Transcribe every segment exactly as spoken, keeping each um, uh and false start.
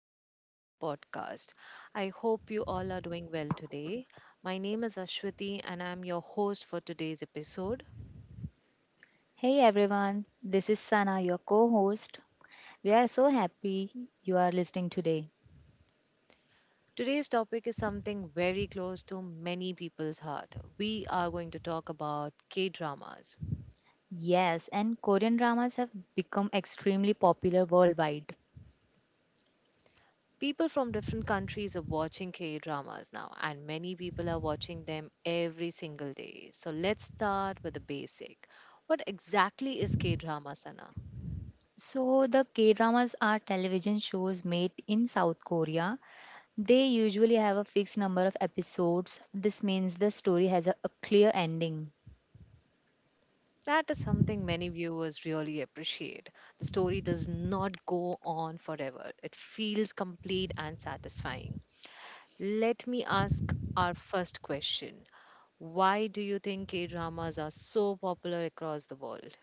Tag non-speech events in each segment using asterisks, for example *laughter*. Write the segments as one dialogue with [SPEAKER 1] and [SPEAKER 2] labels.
[SPEAKER 1] welcome to our podcast. I hope you all are doing well today. My name is Ashwati, and I'm your host for today's episode.
[SPEAKER 2] Hey everyone, this is Sana, your co host. We are so happy you are listening today.
[SPEAKER 1] Today's topic is something very close to many people's heart. We are going to talk about K dramas.
[SPEAKER 2] Yes, and Korean dramas have become extremely popular worldwide.
[SPEAKER 1] People from different countries are watching K dramas now, and many people are watching them every single day. So let's start with the basic. What exactly is K drama, Sana?
[SPEAKER 2] So, the K dramas are television shows made in South Korea. They usually have a fixed number of episodes. This means the story has a, a clear ending.
[SPEAKER 1] That is something many viewers really appreciate. The story does not go on forever, it feels complete and satisfying. Let me ask our first question. Why do you think K dramas are so popular across the world?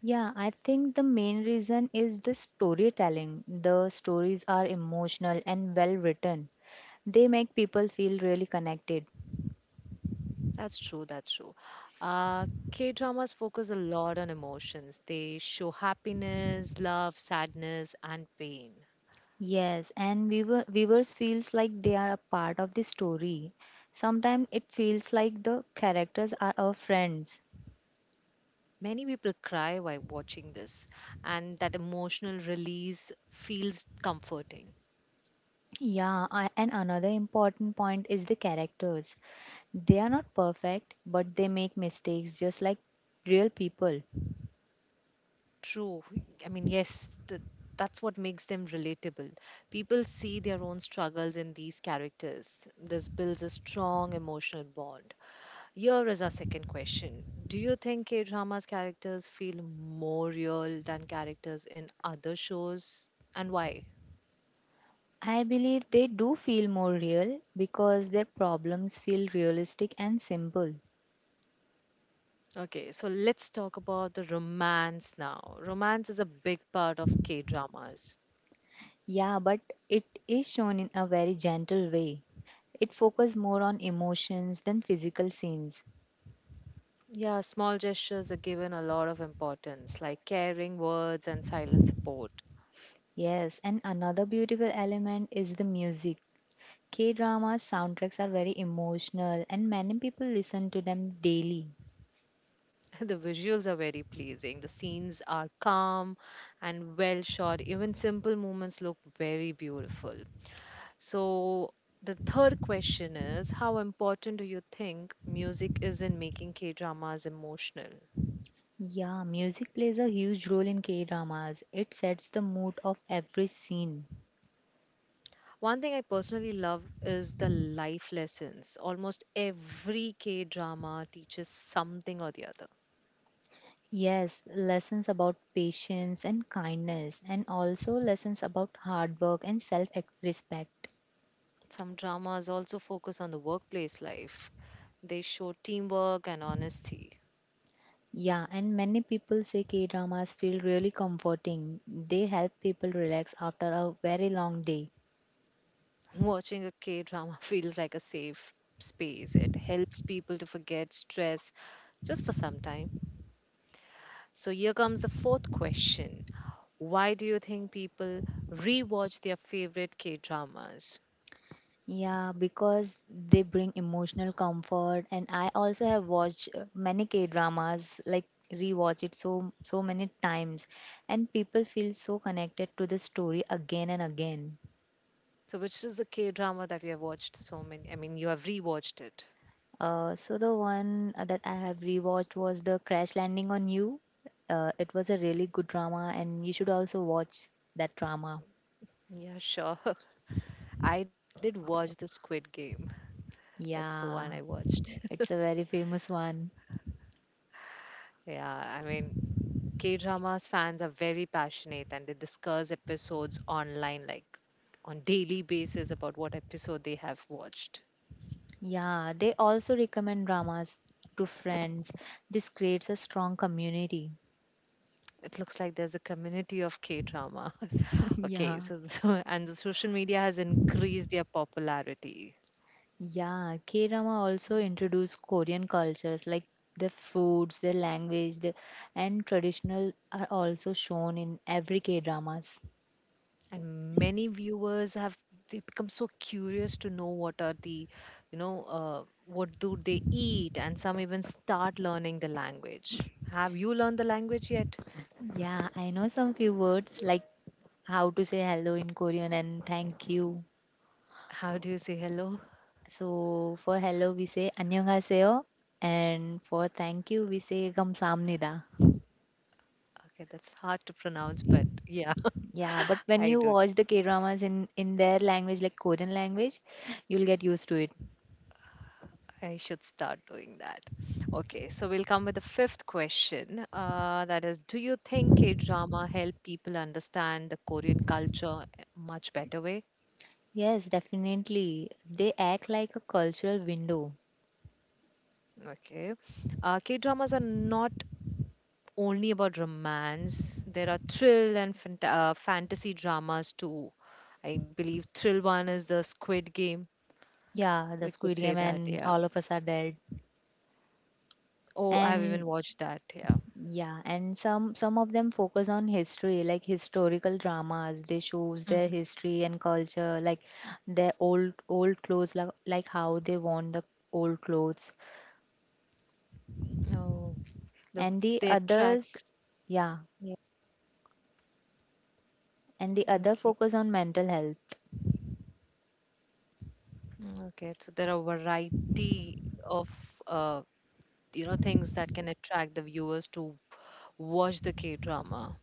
[SPEAKER 2] Yeah, I think the main reason is the storytelling. The stories are emotional and well written. They make people feel really connected.
[SPEAKER 1] That's true, that's true. Uh, K dramas focus a lot on emotions, they show happiness, love, sadness, and pain.
[SPEAKER 2] Yes, and viewer, viewers feels like they are a part of the story. Sometimes it feels like the characters are our friends.
[SPEAKER 1] Many people cry while watching this, and that emotional release feels comforting.
[SPEAKER 2] Yeah, I, and another important point is the characters. They are not perfect, but they make mistakes just like real people.
[SPEAKER 1] True. I mean, yes, th- that's what makes them relatable. People see their own struggles in these characters. This builds a strong emotional bond. Here is our second question. Do you think K drama's characters feel more real than characters in other shows, and why?
[SPEAKER 2] I believe they do feel more real because their problems feel realistic and simple.
[SPEAKER 1] Okay, so let's talk about the romance now. Romance is a big part of K dramas.
[SPEAKER 2] Yeah, but it is shown in a very gentle way. It focuses more on emotions than physical scenes.
[SPEAKER 1] Yeah, small gestures are given a lot of importance, like caring words and silent support.
[SPEAKER 2] Yes, and another beautiful element is the music. K drama soundtracks are very emotional, and many people listen to them daily.
[SPEAKER 1] *laughs* The visuals are very pleasing. The scenes are calm and well shot. Even simple moments look very beautiful. So, the third question is, how important do you think music is in making K dramas emotional?
[SPEAKER 2] Yeah, music plays a huge role in K dramas. It sets the mood of every scene.
[SPEAKER 1] One thing I personally love is the life lessons. Almost every K drama teaches something or the other.
[SPEAKER 2] Yes, lessons about patience and kindness, and also lessons about hard work and self respect.
[SPEAKER 1] Some dramas also focus on the workplace life, they show teamwork and honesty.
[SPEAKER 2] Yeah, and many people say K dramas feel really comforting. They help people relax after a very long day.
[SPEAKER 1] Watching a K drama *laughs* feels like a safe space. It helps people to forget stress just for some time. So, here comes the fourth question. Why do you think people rewatch their favorite K dramas?
[SPEAKER 2] Yeah, because they bring emotional comfort, and I also have watched uh, many K dramas, like rewatch it so so many times, and people feel so connected to the story again and again.
[SPEAKER 1] So, which is the K drama that we have watched so many? I mean, you have rewatched it.
[SPEAKER 2] Uh, so the one uh, that I have rewatched was the Crash Landing on You. Uh, it was a really good drama, and you should also watch that drama.
[SPEAKER 1] Yeah, sure. *laughs* I did watch the Squid Game. That's the one I
[SPEAKER 2] Yeah,
[SPEAKER 1] watched.
[SPEAKER 2] it's a very famous one.
[SPEAKER 1] *laughs* Yeah, I mean, K dramas fans are very passionate and they discuss episodes online, like on daily basis about what episode they have watched.
[SPEAKER 2] Yeah, they also recommend dramas to friends. This creates a strong community.
[SPEAKER 1] It looks like there's a community of K dramas.
[SPEAKER 2] *laughs*
[SPEAKER 1] *laughs* Okay,
[SPEAKER 2] Yeah,
[SPEAKER 1] so, so and the social media has increased their popularity.
[SPEAKER 2] yeah. K drama also introduce Korean cultures like the foods, their language, the, and traditional are also shown in every K dramas.
[SPEAKER 1] And many viewers have, they become so curious to know what are the, you know, uh, what do they eat, and some even start learning the language. Have you learned the language yet?
[SPEAKER 2] Yeah, I know some few words like how to say hello in Korean and thank you.
[SPEAKER 1] How do you say hello?
[SPEAKER 2] So for hello we say 안녕하세요 and for thank you we say 감사합니다.
[SPEAKER 1] Okay, that's hard to pronounce, but yeah, *laughs*
[SPEAKER 2] Yeah, but when
[SPEAKER 1] I
[SPEAKER 2] you
[SPEAKER 1] do.
[SPEAKER 2] watch the K-dramas in in their language, like Korean language, you'll get used to it.
[SPEAKER 1] I should start doing that. Okay, so we'll come with the fifth question. Uh, that is, do you think K drama help people understand the Korean culture a much better way?
[SPEAKER 2] Yes, definitely. They act like a cultural window.
[SPEAKER 1] Okay, uh, K dramas are not only about romance. There are thrill and fant- uh, fantasy dramas too. I believe thrill one is the Squid Game.
[SPEAKER 2] Yeah,
[SPEAKER 1] We
[SPEAKER 2] the
[SPEAKER 1] could
[SPEAKER 2] Squid
[SPEAKER 1] say
[SPEAKER 2] Game
[SPEAKER 1] that,
[SPEAKER 2] and
[SPEAKER 1] yeah.
[SPEAKER 2] All of Us Are Dead.
[SPEAKER 1] Oh, I have
[SPEAKER 2] And
[SPEAKER 1] even watched that, yeah.
[SPEAKER 2] yeah, and some some of them focus on history, like historical dramas. They shows their
[SPEAKER 1] hmm
[SPEAKER 2] history and culture, like their old old clothes, like, like how they worn the old clothes.
[SPEAKER 1] Oh. The
[SPEAKER 2] And the
[SPEAKER 1] they
[SPEAKER 2] others,
[SPEAKER 1] attract.
[SPEAKER 2] yeah,
[SPEAKER 1] Yeah.
[SPEAKER 2] and the other
[SPEAKER 1] Okay.
[SPEAKER 2] focus on mental health.
[SPEAKER 1] Mm, okay. So there are variety of, uh, you know things that can attract the viewers to watch the K drama.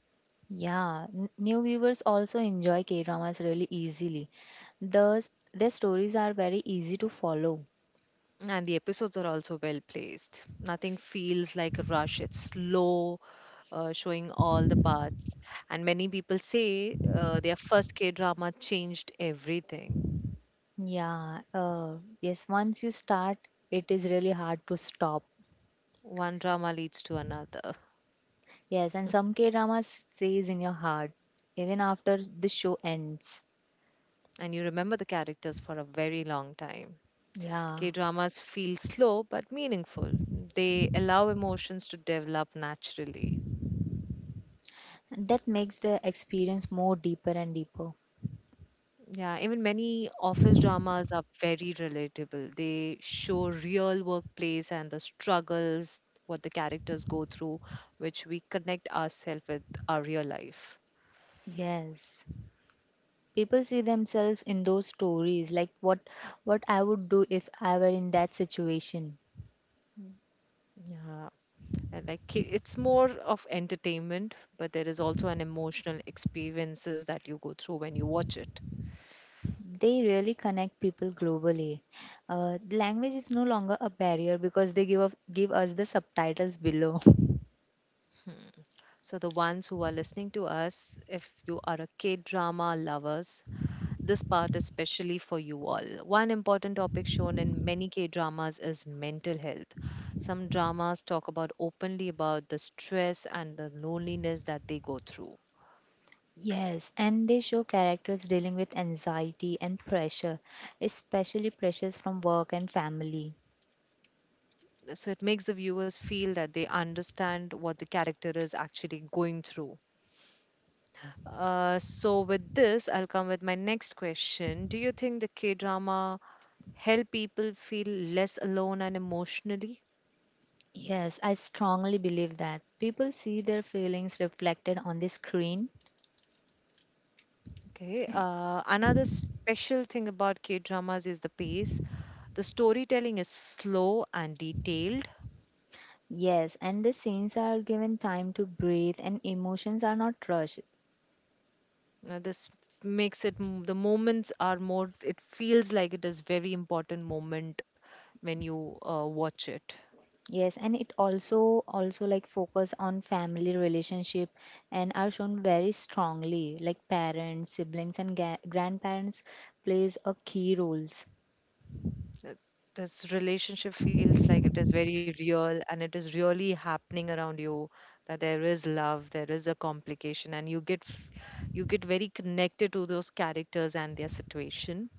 [SPEAKER 2] Yeah, n- new viewers also enjoy K-dramas really easily. Thus, their stories are very easy to follow.
[SPEAKER 1] And the episodes are also well placed. Nothing feels like a rush. It's slow, uh, showing all the parts. And many people say uh, their first K drama changed everything.
[SPEAKER 2] Yeah, uh, yes, once you start, it is really hard to stop.
[SPEAKER 1] One drama leads to another.
[SPEAKER 2] Yes, and some K-dramas stays in your heart even after the show ends.
[SPEAKER 1] And you remember the characters for a very long time.
[SPEAKER 2] Yeah,
[SPEAKER 1] K dramas feel slow but meaningful. They allow emotions to develop naturally.
[SPEAKER 2] that makes the experience more deeper and deeper.
[SPEAKER 1] Yeah, even many office dramas are very relatable. They show real workplace and the struggles what the characters go through, which we connect ourselves with our real life.
[SPEAKER 2] Yes. People see themselves in those stories, like what what I would do if I were in that situation.
[SPEAKER 1] Mm. Yeah, and like K-, it's more of entertainment, but there is also an emotional experiences that you go through when you watch it.
[SPEAKER 2] They really connect people globally. Uh, language is no longer a barrier because they give, up, give us the subtitles below. *laughs*
[SPEAKER 1] Hmm. So, the ones who are listening to us, if you are a K drama lovers, this part is specially for you all. One important topic shown in many K dramas is mental health. Some dramas talk about openly about the stress and the loneliness that they go through.
[SPEAKER 2] Yes, and they show characters dealing with anxiety and pressure, especially pressures from work and family.
[SPEAKER 1] So, it makes the viewers feel that they understand what the character is actually going through. Uh, so, with this, I'll come with my next question. Do you think the K drama help people feel less alone and emotionally?
[SPEAKER 2] Yes, I strongly believe that people see their feelings reflected on the screen.
[SPEAKER 1] Okay. Uh, another special thing about K dramas is the pace. The storytelling is slow and detailed.
[SPEAKER 2] Yes, and the scenes are given time to breathe and emotions are not rushed.
[SPEAKER 1] Uh, this makes it m- the moments are more. It feels like it is very important moment when you uh, watch it.
[SPEAKER 2] Yes, and it also also like focus on family relationship and are shown very strongly like parents, siblings and ga- grandparents plays a key roles.
[SPEAKER 1] Uh, This relationship feels like it is very real and it is really happening around you. That there is love, there is a complication, and you get f- you get very connected to those characters and their situation.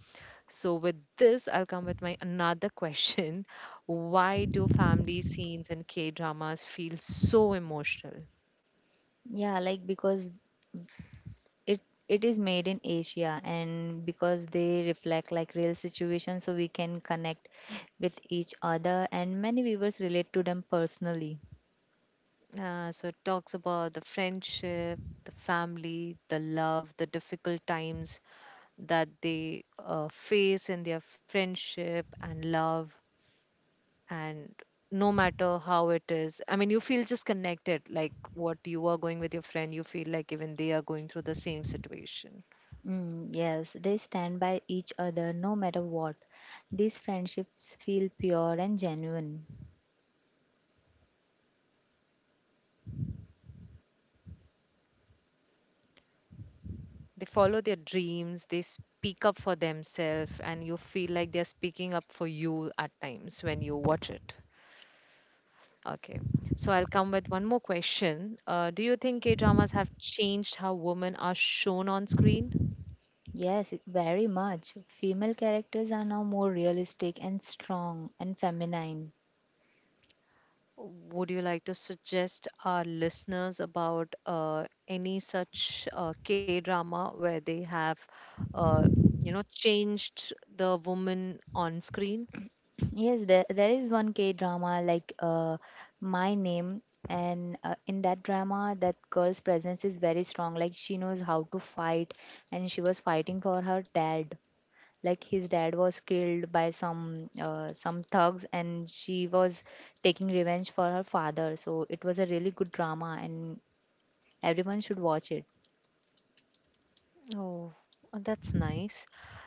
[SPEAKER 1] So, with this, I'll come with my another question. *laughs* Why do family scenes in K dramas feel so emotional?
[SPEAKER 2] Yeah, like because it it is made in Asia and because they reflect like real situations so we can connect with each other and many viewers relate to them personally.
[SPEAKER 1] Uh, so it talks about the friendship, the family, the love, the difficult times that they uh, face in their friendship and love. And no matter how it is, I mean, you feel just connected, like what you are going with your friend, you feel like even they are going through the same situation.
[SPEAKER 2] Mm, yes, they stand by each other no matter what. These friendships feel pure and genuine.
[SPEAKER 1] They follow their dreams, they speak up for themselves, and you feel like they're speaking up for you at times when you watch it. Okay. So I'll come with one more question. Uh, do you think K dramas have changed how women are shown on screen?
[SPEAKER 2] Yes, very much. Female characters are now more realistic and strong and feminine.
[SPEAKER 1] Would you like to suggest our listeners about uh, any such uh, K drama where they have, uh, you know, changed the woman on screen?
[SPEAKER 2] Yes, there, there is one K drama like uh, My Name, and uh, in that drama, that girl's presence is very strong. Like she knows how to fight, and she was fighting for her dad. Like his dad was killed by some uh, some thugs, and she was taking revenge for her father. So it was a really good drama, and everyone should watch it.
[SPEAKER 1] Oh, uh, that's nice.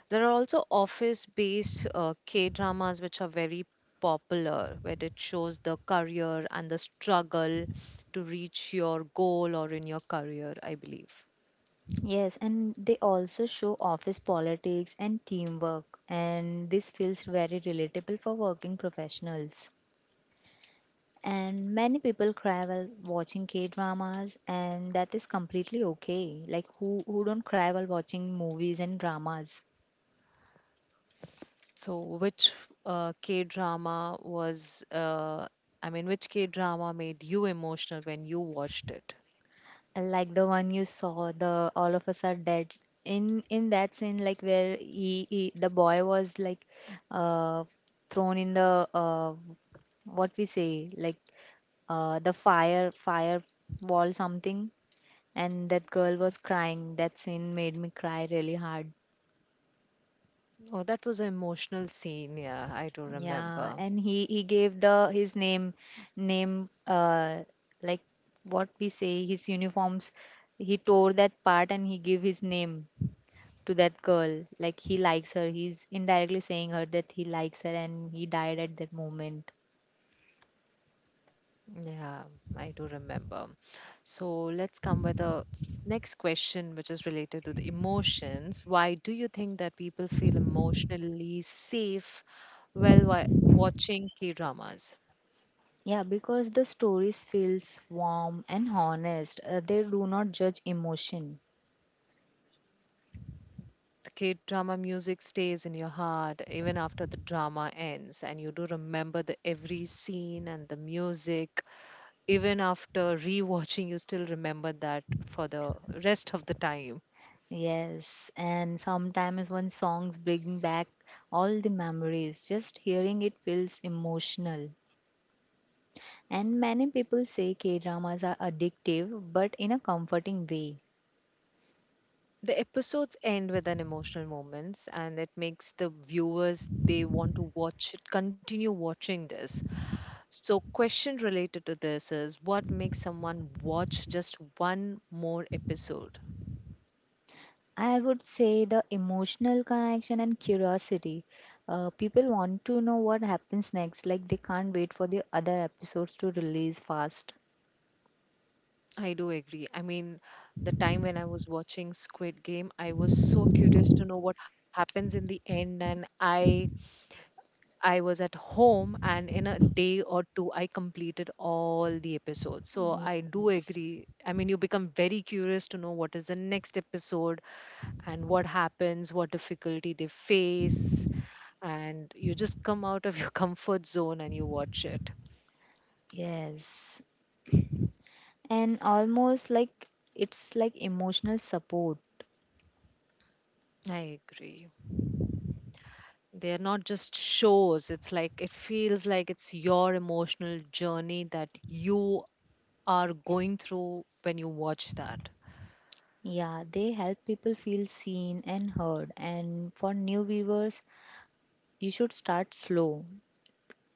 [SPEAKER 1] There are also office-based uh, K-dramas which are very popular, where it shows the career and the struggle to reach your goal or in your career, I believe.
[SPEAKER 2] Yes, and they also show office politics and teamwork, and this feels very relatable for working professionals. And many people cry while watching K dramas, and that is completely okay. Like, who, who don't cry while watching movies and dramas?
[SPEAKER 1] So, which uh, K-drama was, uh, I mean, which K-drama made you emotional when you watched it?
[SPEAKER 2] Like the one you saw, the All of Us Are Dead. In in that scene, like where he, he the boy was like uh, thrown in the uh, what we say like uh, the fire fire wall something. And that girl was crying. That scene made me cry really hard.
[SPEAKER 1] Oh, that was an emotional scene. Yeah, I do
[SPEAKER 2] Yeah,
[SPEAKER 1] remember.
[SPEAKER 2] and he he gave the his name name uh like what we say, his uniforms. He tore that part and he gave his name to that girl. Like, he likes her. He's indirectly saying her that he likes her, and he died at that moment.
[SPEAKER 1] Yeah, I do remember. So let's come with the s- next question, which is related to the emotions. Why do you think that people feel emotionally safe while wa- watching K dramas?
[SPEAKER 2] Yeah, because the stories feels warm and honest. Uh, they do not judge emotion.
[SPEAKER 1] The K drama music stays in your heart even after the drama ends, and you do remember the every scene and the music. Even after rewatching, you still remember that for the rest of the time.
[SPEAKER 2] Yes, and sometimes when songs bring back all the memories, just hearing it feels emotional. And many people say K-dramas are addictive, but in a comforting way.
[SPEAKER 1] The episodes end with an emotional moments and it makes the viewers they want to watch it, continue watching this. So question related to this is, what makes someone watch just one more episode?
[SPEAKER 2] I would say the emotional connection and curiosity. Uh, people want to know what happens next, like they can't wait for the other episodes to release fast.
[SPEAKER 1] I do agree. I mean, the time when I was watching Squid Game, I was so curious to know what happens in the end, and i I was at home, and in a day or two, I completed all the episodes. So I do
[SPEAKER 2] Yes.
[SPEAKER 1] agree. I mean, you become very curious to know what is the next episode and what happens, what difficulty they face, and you just come out of your *laughs* comfort zone and you watch it.
[SPEAKER 2] Yes. And almost like it's like emotional support.
[SPEAKER 1] I agree. They are not just shows, it's like it feels like it's your emotional journey that you are going through when you watch that.
[SPEAKER 2] Yeah, they help people feel seen and heard. And for new viewers, you should start slow.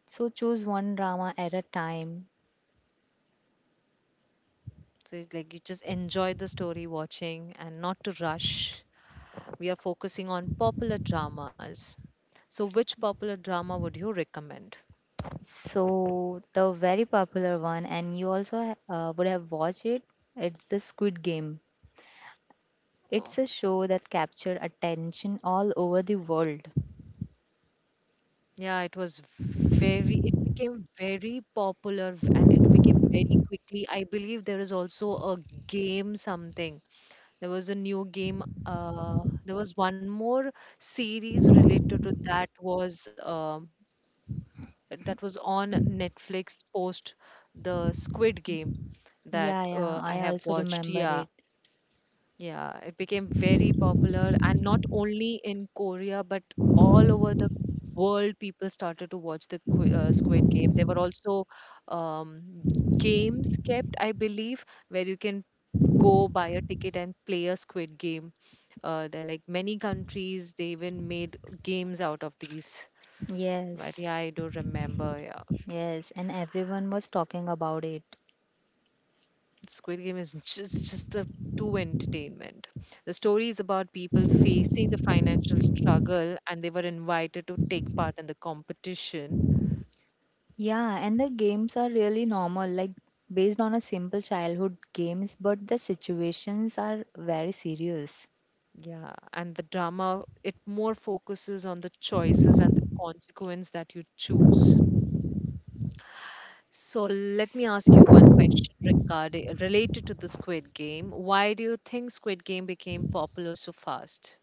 [SPEAKER 2] So choose one drama at a time.
[SPEAKER 1] So it's like you just enjoy the story watching and not to rush. We are focusing on popular dramas. So which popular drama would you recommend?
[SPEAKER 2] So the very popular one, and you also ha- uh, would have watched it. It's the Squid Game.
[SPEAKER 1] Oh.
[SPEAKER 2] It's a show that captured attention all over the world.
[SPEAKER 1] Yeah, it was very, it became very popular v- and it became very quickly. I believe there is also a game something. There was a new game, uh there was one more series related to that was um that was on Netflix post the Squid Game that
[SPEAKER 2] Yeah, yeah,
[SPEAKER 1] uh, I
[SPEAKER 2] I
[SPEAKER 1] have
[SPEAKER 2] also
[SPEAKER 1] watched.
[SPEAKER 2] remember
[SPEAKER 1] Yeah,
[SPEAKER 2] it.
[SPEAKER 1] yeah, it became very popular, and not only in Korea but all over the world. People started to watch the Qu- uh, Squid Game. There were also um, games kept, I believe, where you can go buy a ticket and play a Squid Game. Uh, there are like many countries. They even made games out of these. But
[SPEAKER 2] Yes.
[SPEAKER 1] yeah, I do remember, yeah.
[SPEAKER 2] Yes, and everyone was talking about it.
[SPEAKER 1] Squid Game is just just a true entertainment. The story is about people facing the financial struggle and they were invited to take part in the competition.
[SPEAKER 2] Yeah, and the games are really normal, like based on a simple childhood games, but the situations are very serious.
[SPEAKER 1] Yeah, and the drama it more focuses on the choices and the consequence that you choose. So let me ask you one question regarding related to the Squid Game. Why do you think Squid Game became popular so fast?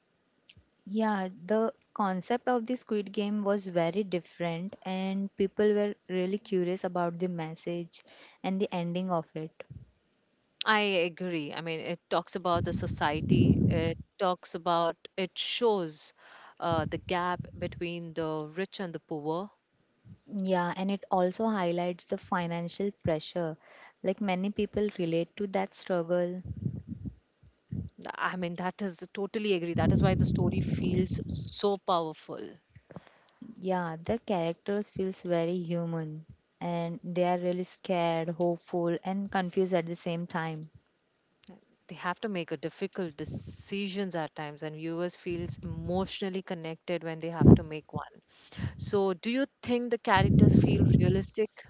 [SPEAKER 2] Yeah, the concept of the Squid Game was very different, and people were really curious about the message and the ending of it.
[SPEAKER 1] I agree. I mean, it talks about the society, it talks about, it shows uh, the gap between the rich and the poor.
[SPEAKER 2] Yeah, and it also highlights the financial pressure. Like many people relate to that struggle.
[SPEAKER 1] I mean, that is totally agree. That is why the story feels so powerful.
[SPEAKER 2] Yeah, the characters feels very human and they are really scared, hopeful and confused at the same time.
[SPEAKER 1] They have to make a difficult decisions at times, and viewers feels emotionally connected when they have to make one. So, do you think the characters feel realistic?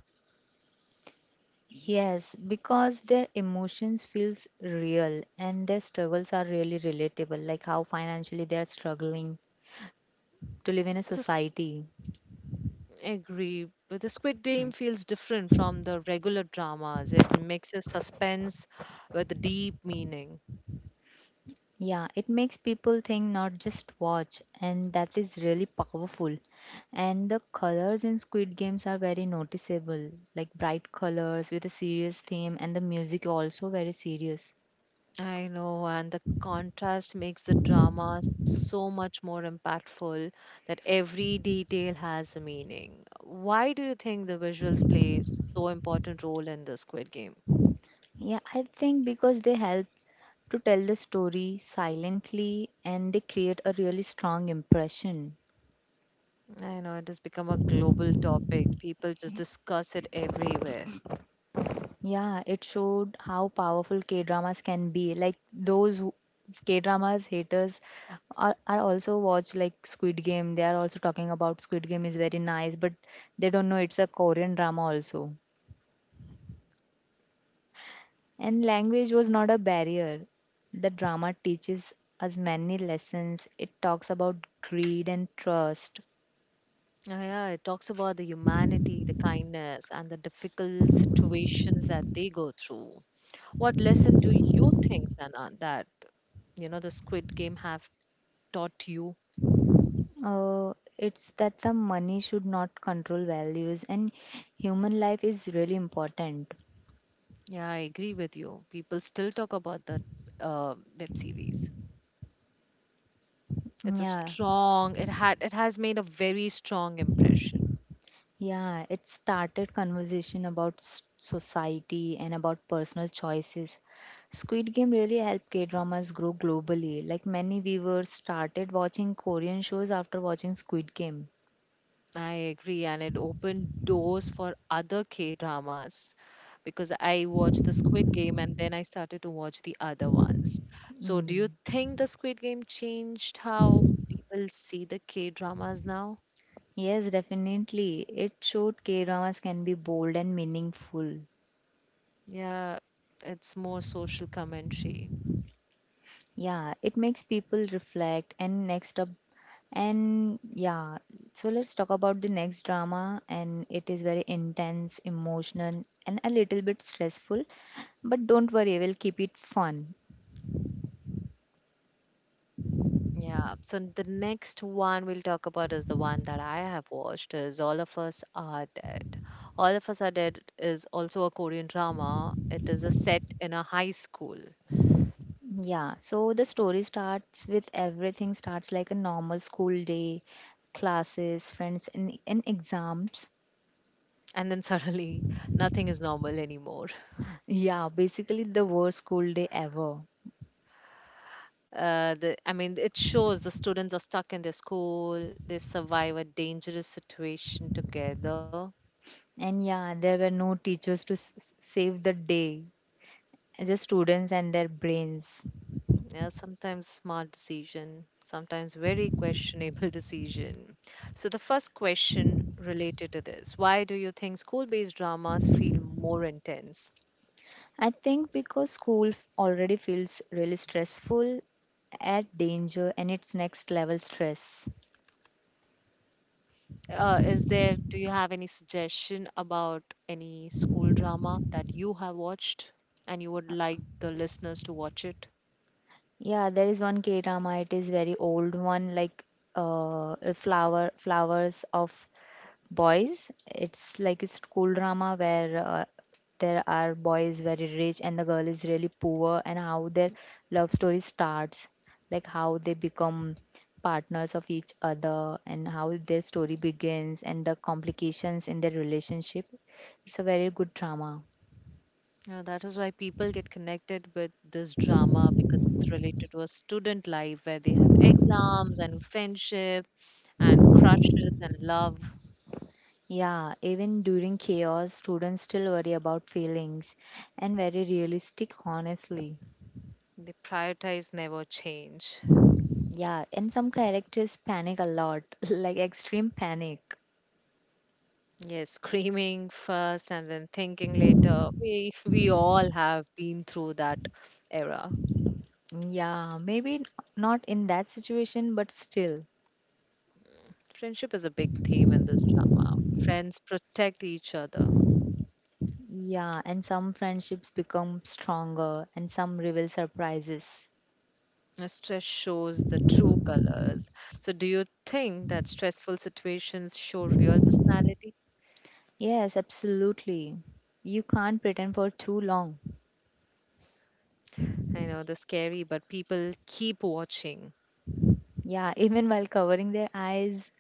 [SPEAKER 2] Yes, because their emotions feels real and their struggles are really relatable, like how financially they are struggling to live in a
[SPEAKER 1] The
[SPEAKER 2] society.
[SPEAKER 1] Agree. But the Squid Game feels different from the regular dramas. It mixes suspense with deep meaning.
[SPEAKER 2] Yeah, it makes people think, not just watch, and that is really powerful. And the colors in Squid Games are very noticeable, like bright colors with a serious theme, and the music also very serious.
[SPEAKER 1] I know, and the contrast makes the drama so much more impactful that every detail has a meaning. Why do you think the visuals play so important role in the Squid Game?
[SPEAKER 2] Yeah, I think because they help to tell the story silently and they create a really strong impression.
[SPEAKER 1] I know it has become a global topic. People just discuss it everywhere.
[SPEAKER 2] Yeah, it showed how powerful K dramas can be. Like those K dramas haters are, are also watch like Squid Game. They are also talking about Squid Game is very nice, but they don't know it's a Korean drama also. And language was not a barrier. The drama teaches us many lessons. It talks about greed and trust.
[SPEAKER 1] Uh, yeah, it talks about the humanity, the kindness, and the difficult situations that they go through. What lesson do you think, Sana, that you know the Squid Game have taught you?
[SPEAKER 2] Uh, it's that the money should not control values and human life is really important.
[SPEAKER 1] Yeah, I agree with you. People still talk about that uh, web series. It's a
[SPEAKER 2] Yeah,
[SPEAKER 1] strong. It had. It has made a very strong impression.
[SPEAKER 2] yeah. It started conversation about s- society and about personal choices. Squid Game really helped K-dramas grow globally. Like many viewers started watching Korean shows after watching Squid Game.
[SPEAKER 1] I agree, and it opened doors for other K dramas because I watched the Squid Game and then I started to watch the other ones. So, do
[SPEAKER 2] Mm.
[SPEAKER 1] you think the Squid Game changed how people see the K dramas now?
[SPEAKER 2] Yes, definitely. It showed K-dramas can be bold and meaningful.
[SPEAKER 1] Yeah, it's more social commentary.
[SPEAKER 2] Yeah, it makes people reflect and next up and yeah, so let's talk about the next drama and it is very intense, emotional and a little bit stressful, but don't worry, we'll keep it fun.
[SPEAKER 1] Yeah, so the next one we'll talk about is the one that I have watched is All of Us Are Dead. All of Us Are Dead is also a Korean drama. It is a set in a high school.
[SPEAKER 2] Yeah, so the story starts with everything starts like a normal school day, classes, friends and, and exams.
[SPEAKER 1] And then *laughs* suddenly nothing is normal anymore.
[SPEAKER 2] Yeah, basically the worst school day ever.
[SPEAKER 1] Uh, the, i mean it shows the students are stuck in their school, they survive a dangerous situation together.
[SPEAKER 2] And yeah, there were no teachers to s- s- save the day. Just students and their brains.
[SPEAKER 1] Yeah, sometimes smart decision, sometimes very questionable *laughs* decision. So the first question related to this, why do you think school based dramas feel more intense?
[SPEAKER 2] I think because school f- already feels really stressful, add danger and its next level stress.
[SPEAKER 1] Uh, is there do you have any suggestion about any school drama that you have watched and you would like the listeners to watch it?
[SPEAKER 2] Yeah, there is one K drama. It is very old one, like uh, a flower flowers of boys. It's like a school drama where uh, there are boys very rich and the girl is really poor, and how their love story starts, like how they become partners of each other, and how their story begins, and the complications in their relationship. It's a very good drama.
[SPEAKER 1] Yeah, that is why people get connected with this drama because it's related to a student life where they have exams and friendship and crushes and love.
[SPEAKER 2] Yeah, even during chaos, students still worry about feelings and very realistic, honestly.
[SPEAKER 1] They prioritize never change.
[SPEAKER 2] Yeah, and some characters panic a lot, *laughs* like extreme panic.
[SPEAKER 1] Yes, *laughs* screaming first and then thinking later. We, we all have been through that era.
[SPEAKER 2] Yeah, maybe n- not in that situation, but still.
[SPEAKER 1] Friendship is a big theme in this drama. Friends protect each other.
[SPEAKER 2] Yeah, and some friendships become stronger and some reveal surprises.
[SPEAKER 1] Uh, Stress shows the true colors. So, do you think that stressful situations show real personality?
[SPEAKER 2] Yes, absolutely. You can't pretend for too long.
[SPEAKER 1] I know they're scary, but people keep watching.
[SPEAKER 2] Yeah, *laughs* even while covering their eyes.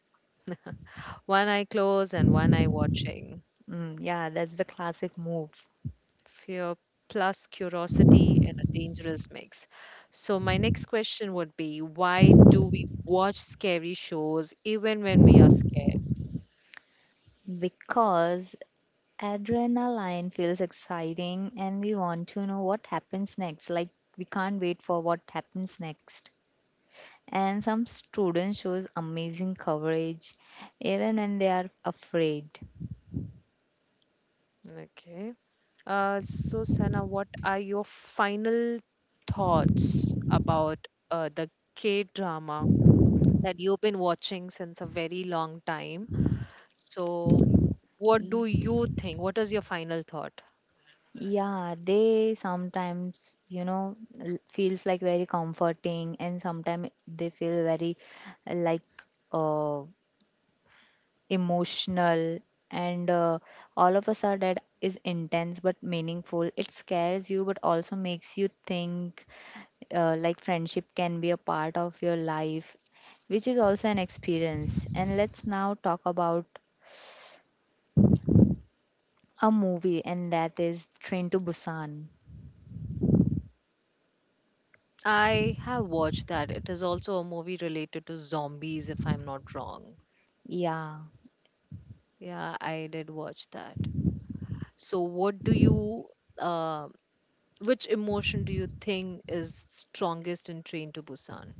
[SPEAKER 1] One eye closed and one eye watching.
[SPEAKER 2] Mm, yeah, that's the classic move
[SPEAKER 1] Fear plus curiosity in a dangerous mix. So, my next question would be, why do we watch scary shows even when we are scared?
[SPEAKER 2] because adrenaline feels exciting and we want to know what happens next. Like we can't wait for what happens next. And some students shows amazing coverage, even when they are afraid.
[SPEAKER 1] Okay. Uh, so, Sana, what are your final thoughts about uh, the K drama that you've been watching since a very long time? So, what
[SPEAKER 2] Y-
[SPEAKER 1] do you think? What is your final thought?
[SPEAKER 2] Yeah, they sometimes, you know, l- feels like very comforting and sometimes they feel very uh, like uh, emotional, and uh, all of us are that is intense but meaningful. It scares you but also makes you think uh, like friendship can be a part of your life, which is also an experience. And let's now talk about a movie, and that is Train to Busan.
[SPEAKER 1] I have watched that. It is also a movie related to zombies, if I'm not wrong.
[SPEAKER 2] Yeah.
[SPEAKER 1] Yeah, I did watch that. So, what do you, uh, which emotion do you think is strongest in Train to Busan?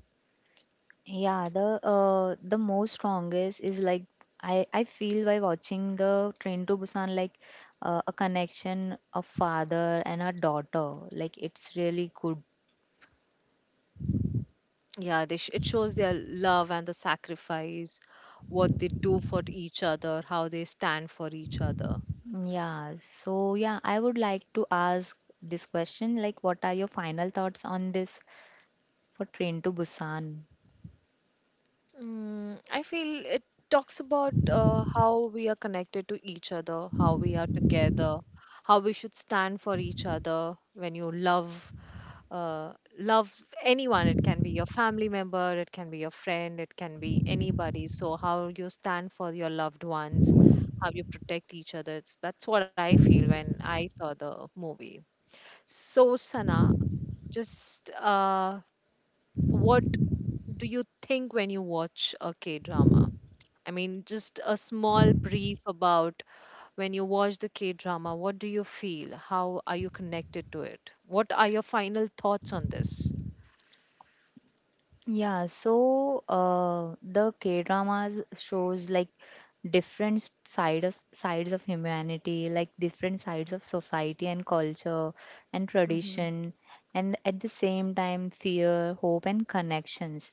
[SPEAKER 2] Yeah, the uh, the most strongest is like I I feel by watching the Train to Busan like uh, a connection of father and a daughter. Like it's really good.
[SPEAKER 1] Yeah, they sh- it shows their love and the sacrifice, what they do for each other, how they stand for each other.
[SPEAKER 2] Yeah. So yeah, I would like to ask this question. Like, what are your final thoughts on this for Train to Busan?
[SPEAKER 1] Mm, I feel it talks about uh, how we are connected to each other, how we are together, how we should stand for each other when you love uh, love anyone. It can be your family member, it can be your friend, it can be anybody. So how you stand for your loved ones, how you protect each other. It's, that's what I feel when I saw the movie. So Sana, just uh, what do you think when you watch a K drama? I mean, just a small brief about when you watch the K drama, what do you feel? How are you connected to it? What are your final thoughts on this?
[SPEAKER 2] Yeah, so uh, the K-dramas shows like different s- side of, sides of humanity, like different sides of society and culture and tradition, and at the same time, fear, hope, and connections.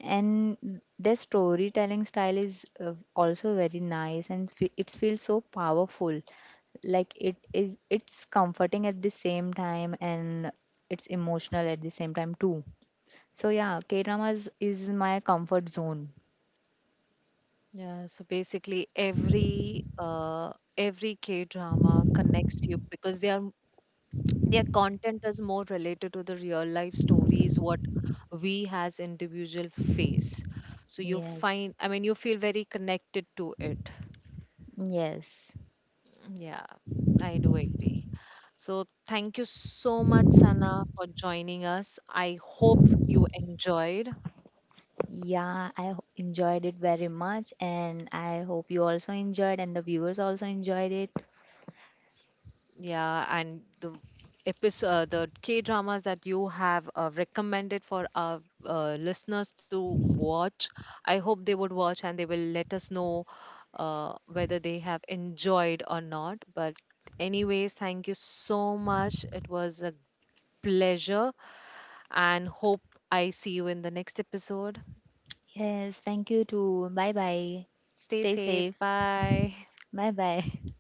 [SPEAKER 2] And their storytelling style is uh, also very nice, and fe it feels so powerful. Like it is, it's comforting at the same time, and it's emotional at the same time too. So yeah, K-dramas is my comfort zone.
[SPEAKER 1] Yeah, so basically every uh every K drama connects you because they are their content is more related to the real life stories what we as individual face. So you
[SPEAKER 2] Yes.
[SPEAKER 1] find, I mean you feel very connected to it.
[SPEAKER 2] Yes.
[SPEAKER 1] Mm, yeah, I do agree. So thank you so much, Sana, for joining us. I hope you enjoyed.
[SPEAKER 2] Yeah, I ho- enjoyed it very much and I hope you also enjoyed and the viewers also enjoyed it.
[SPEAKER 1] Yeah, and the episode, uh, the K dramas that you have uh, recommended for our uh, listeners to watch, I hope they would watch and they will let us know uh, whether they have enjoyed or not. But, anyways, thank you so much. It was a pleasure and hope I see you in the next episode.
[SPEAKER 2] Yes, thank you too. Bye bye.
[SPEAKER 1] Stay
[SPEAKER 2] Stay
[SPEAKER 1] safe.
[SPEAKER 2] safe.
[SPEAKER 1] Bye.
[SPEAKER 2] Bye bye. *laughs*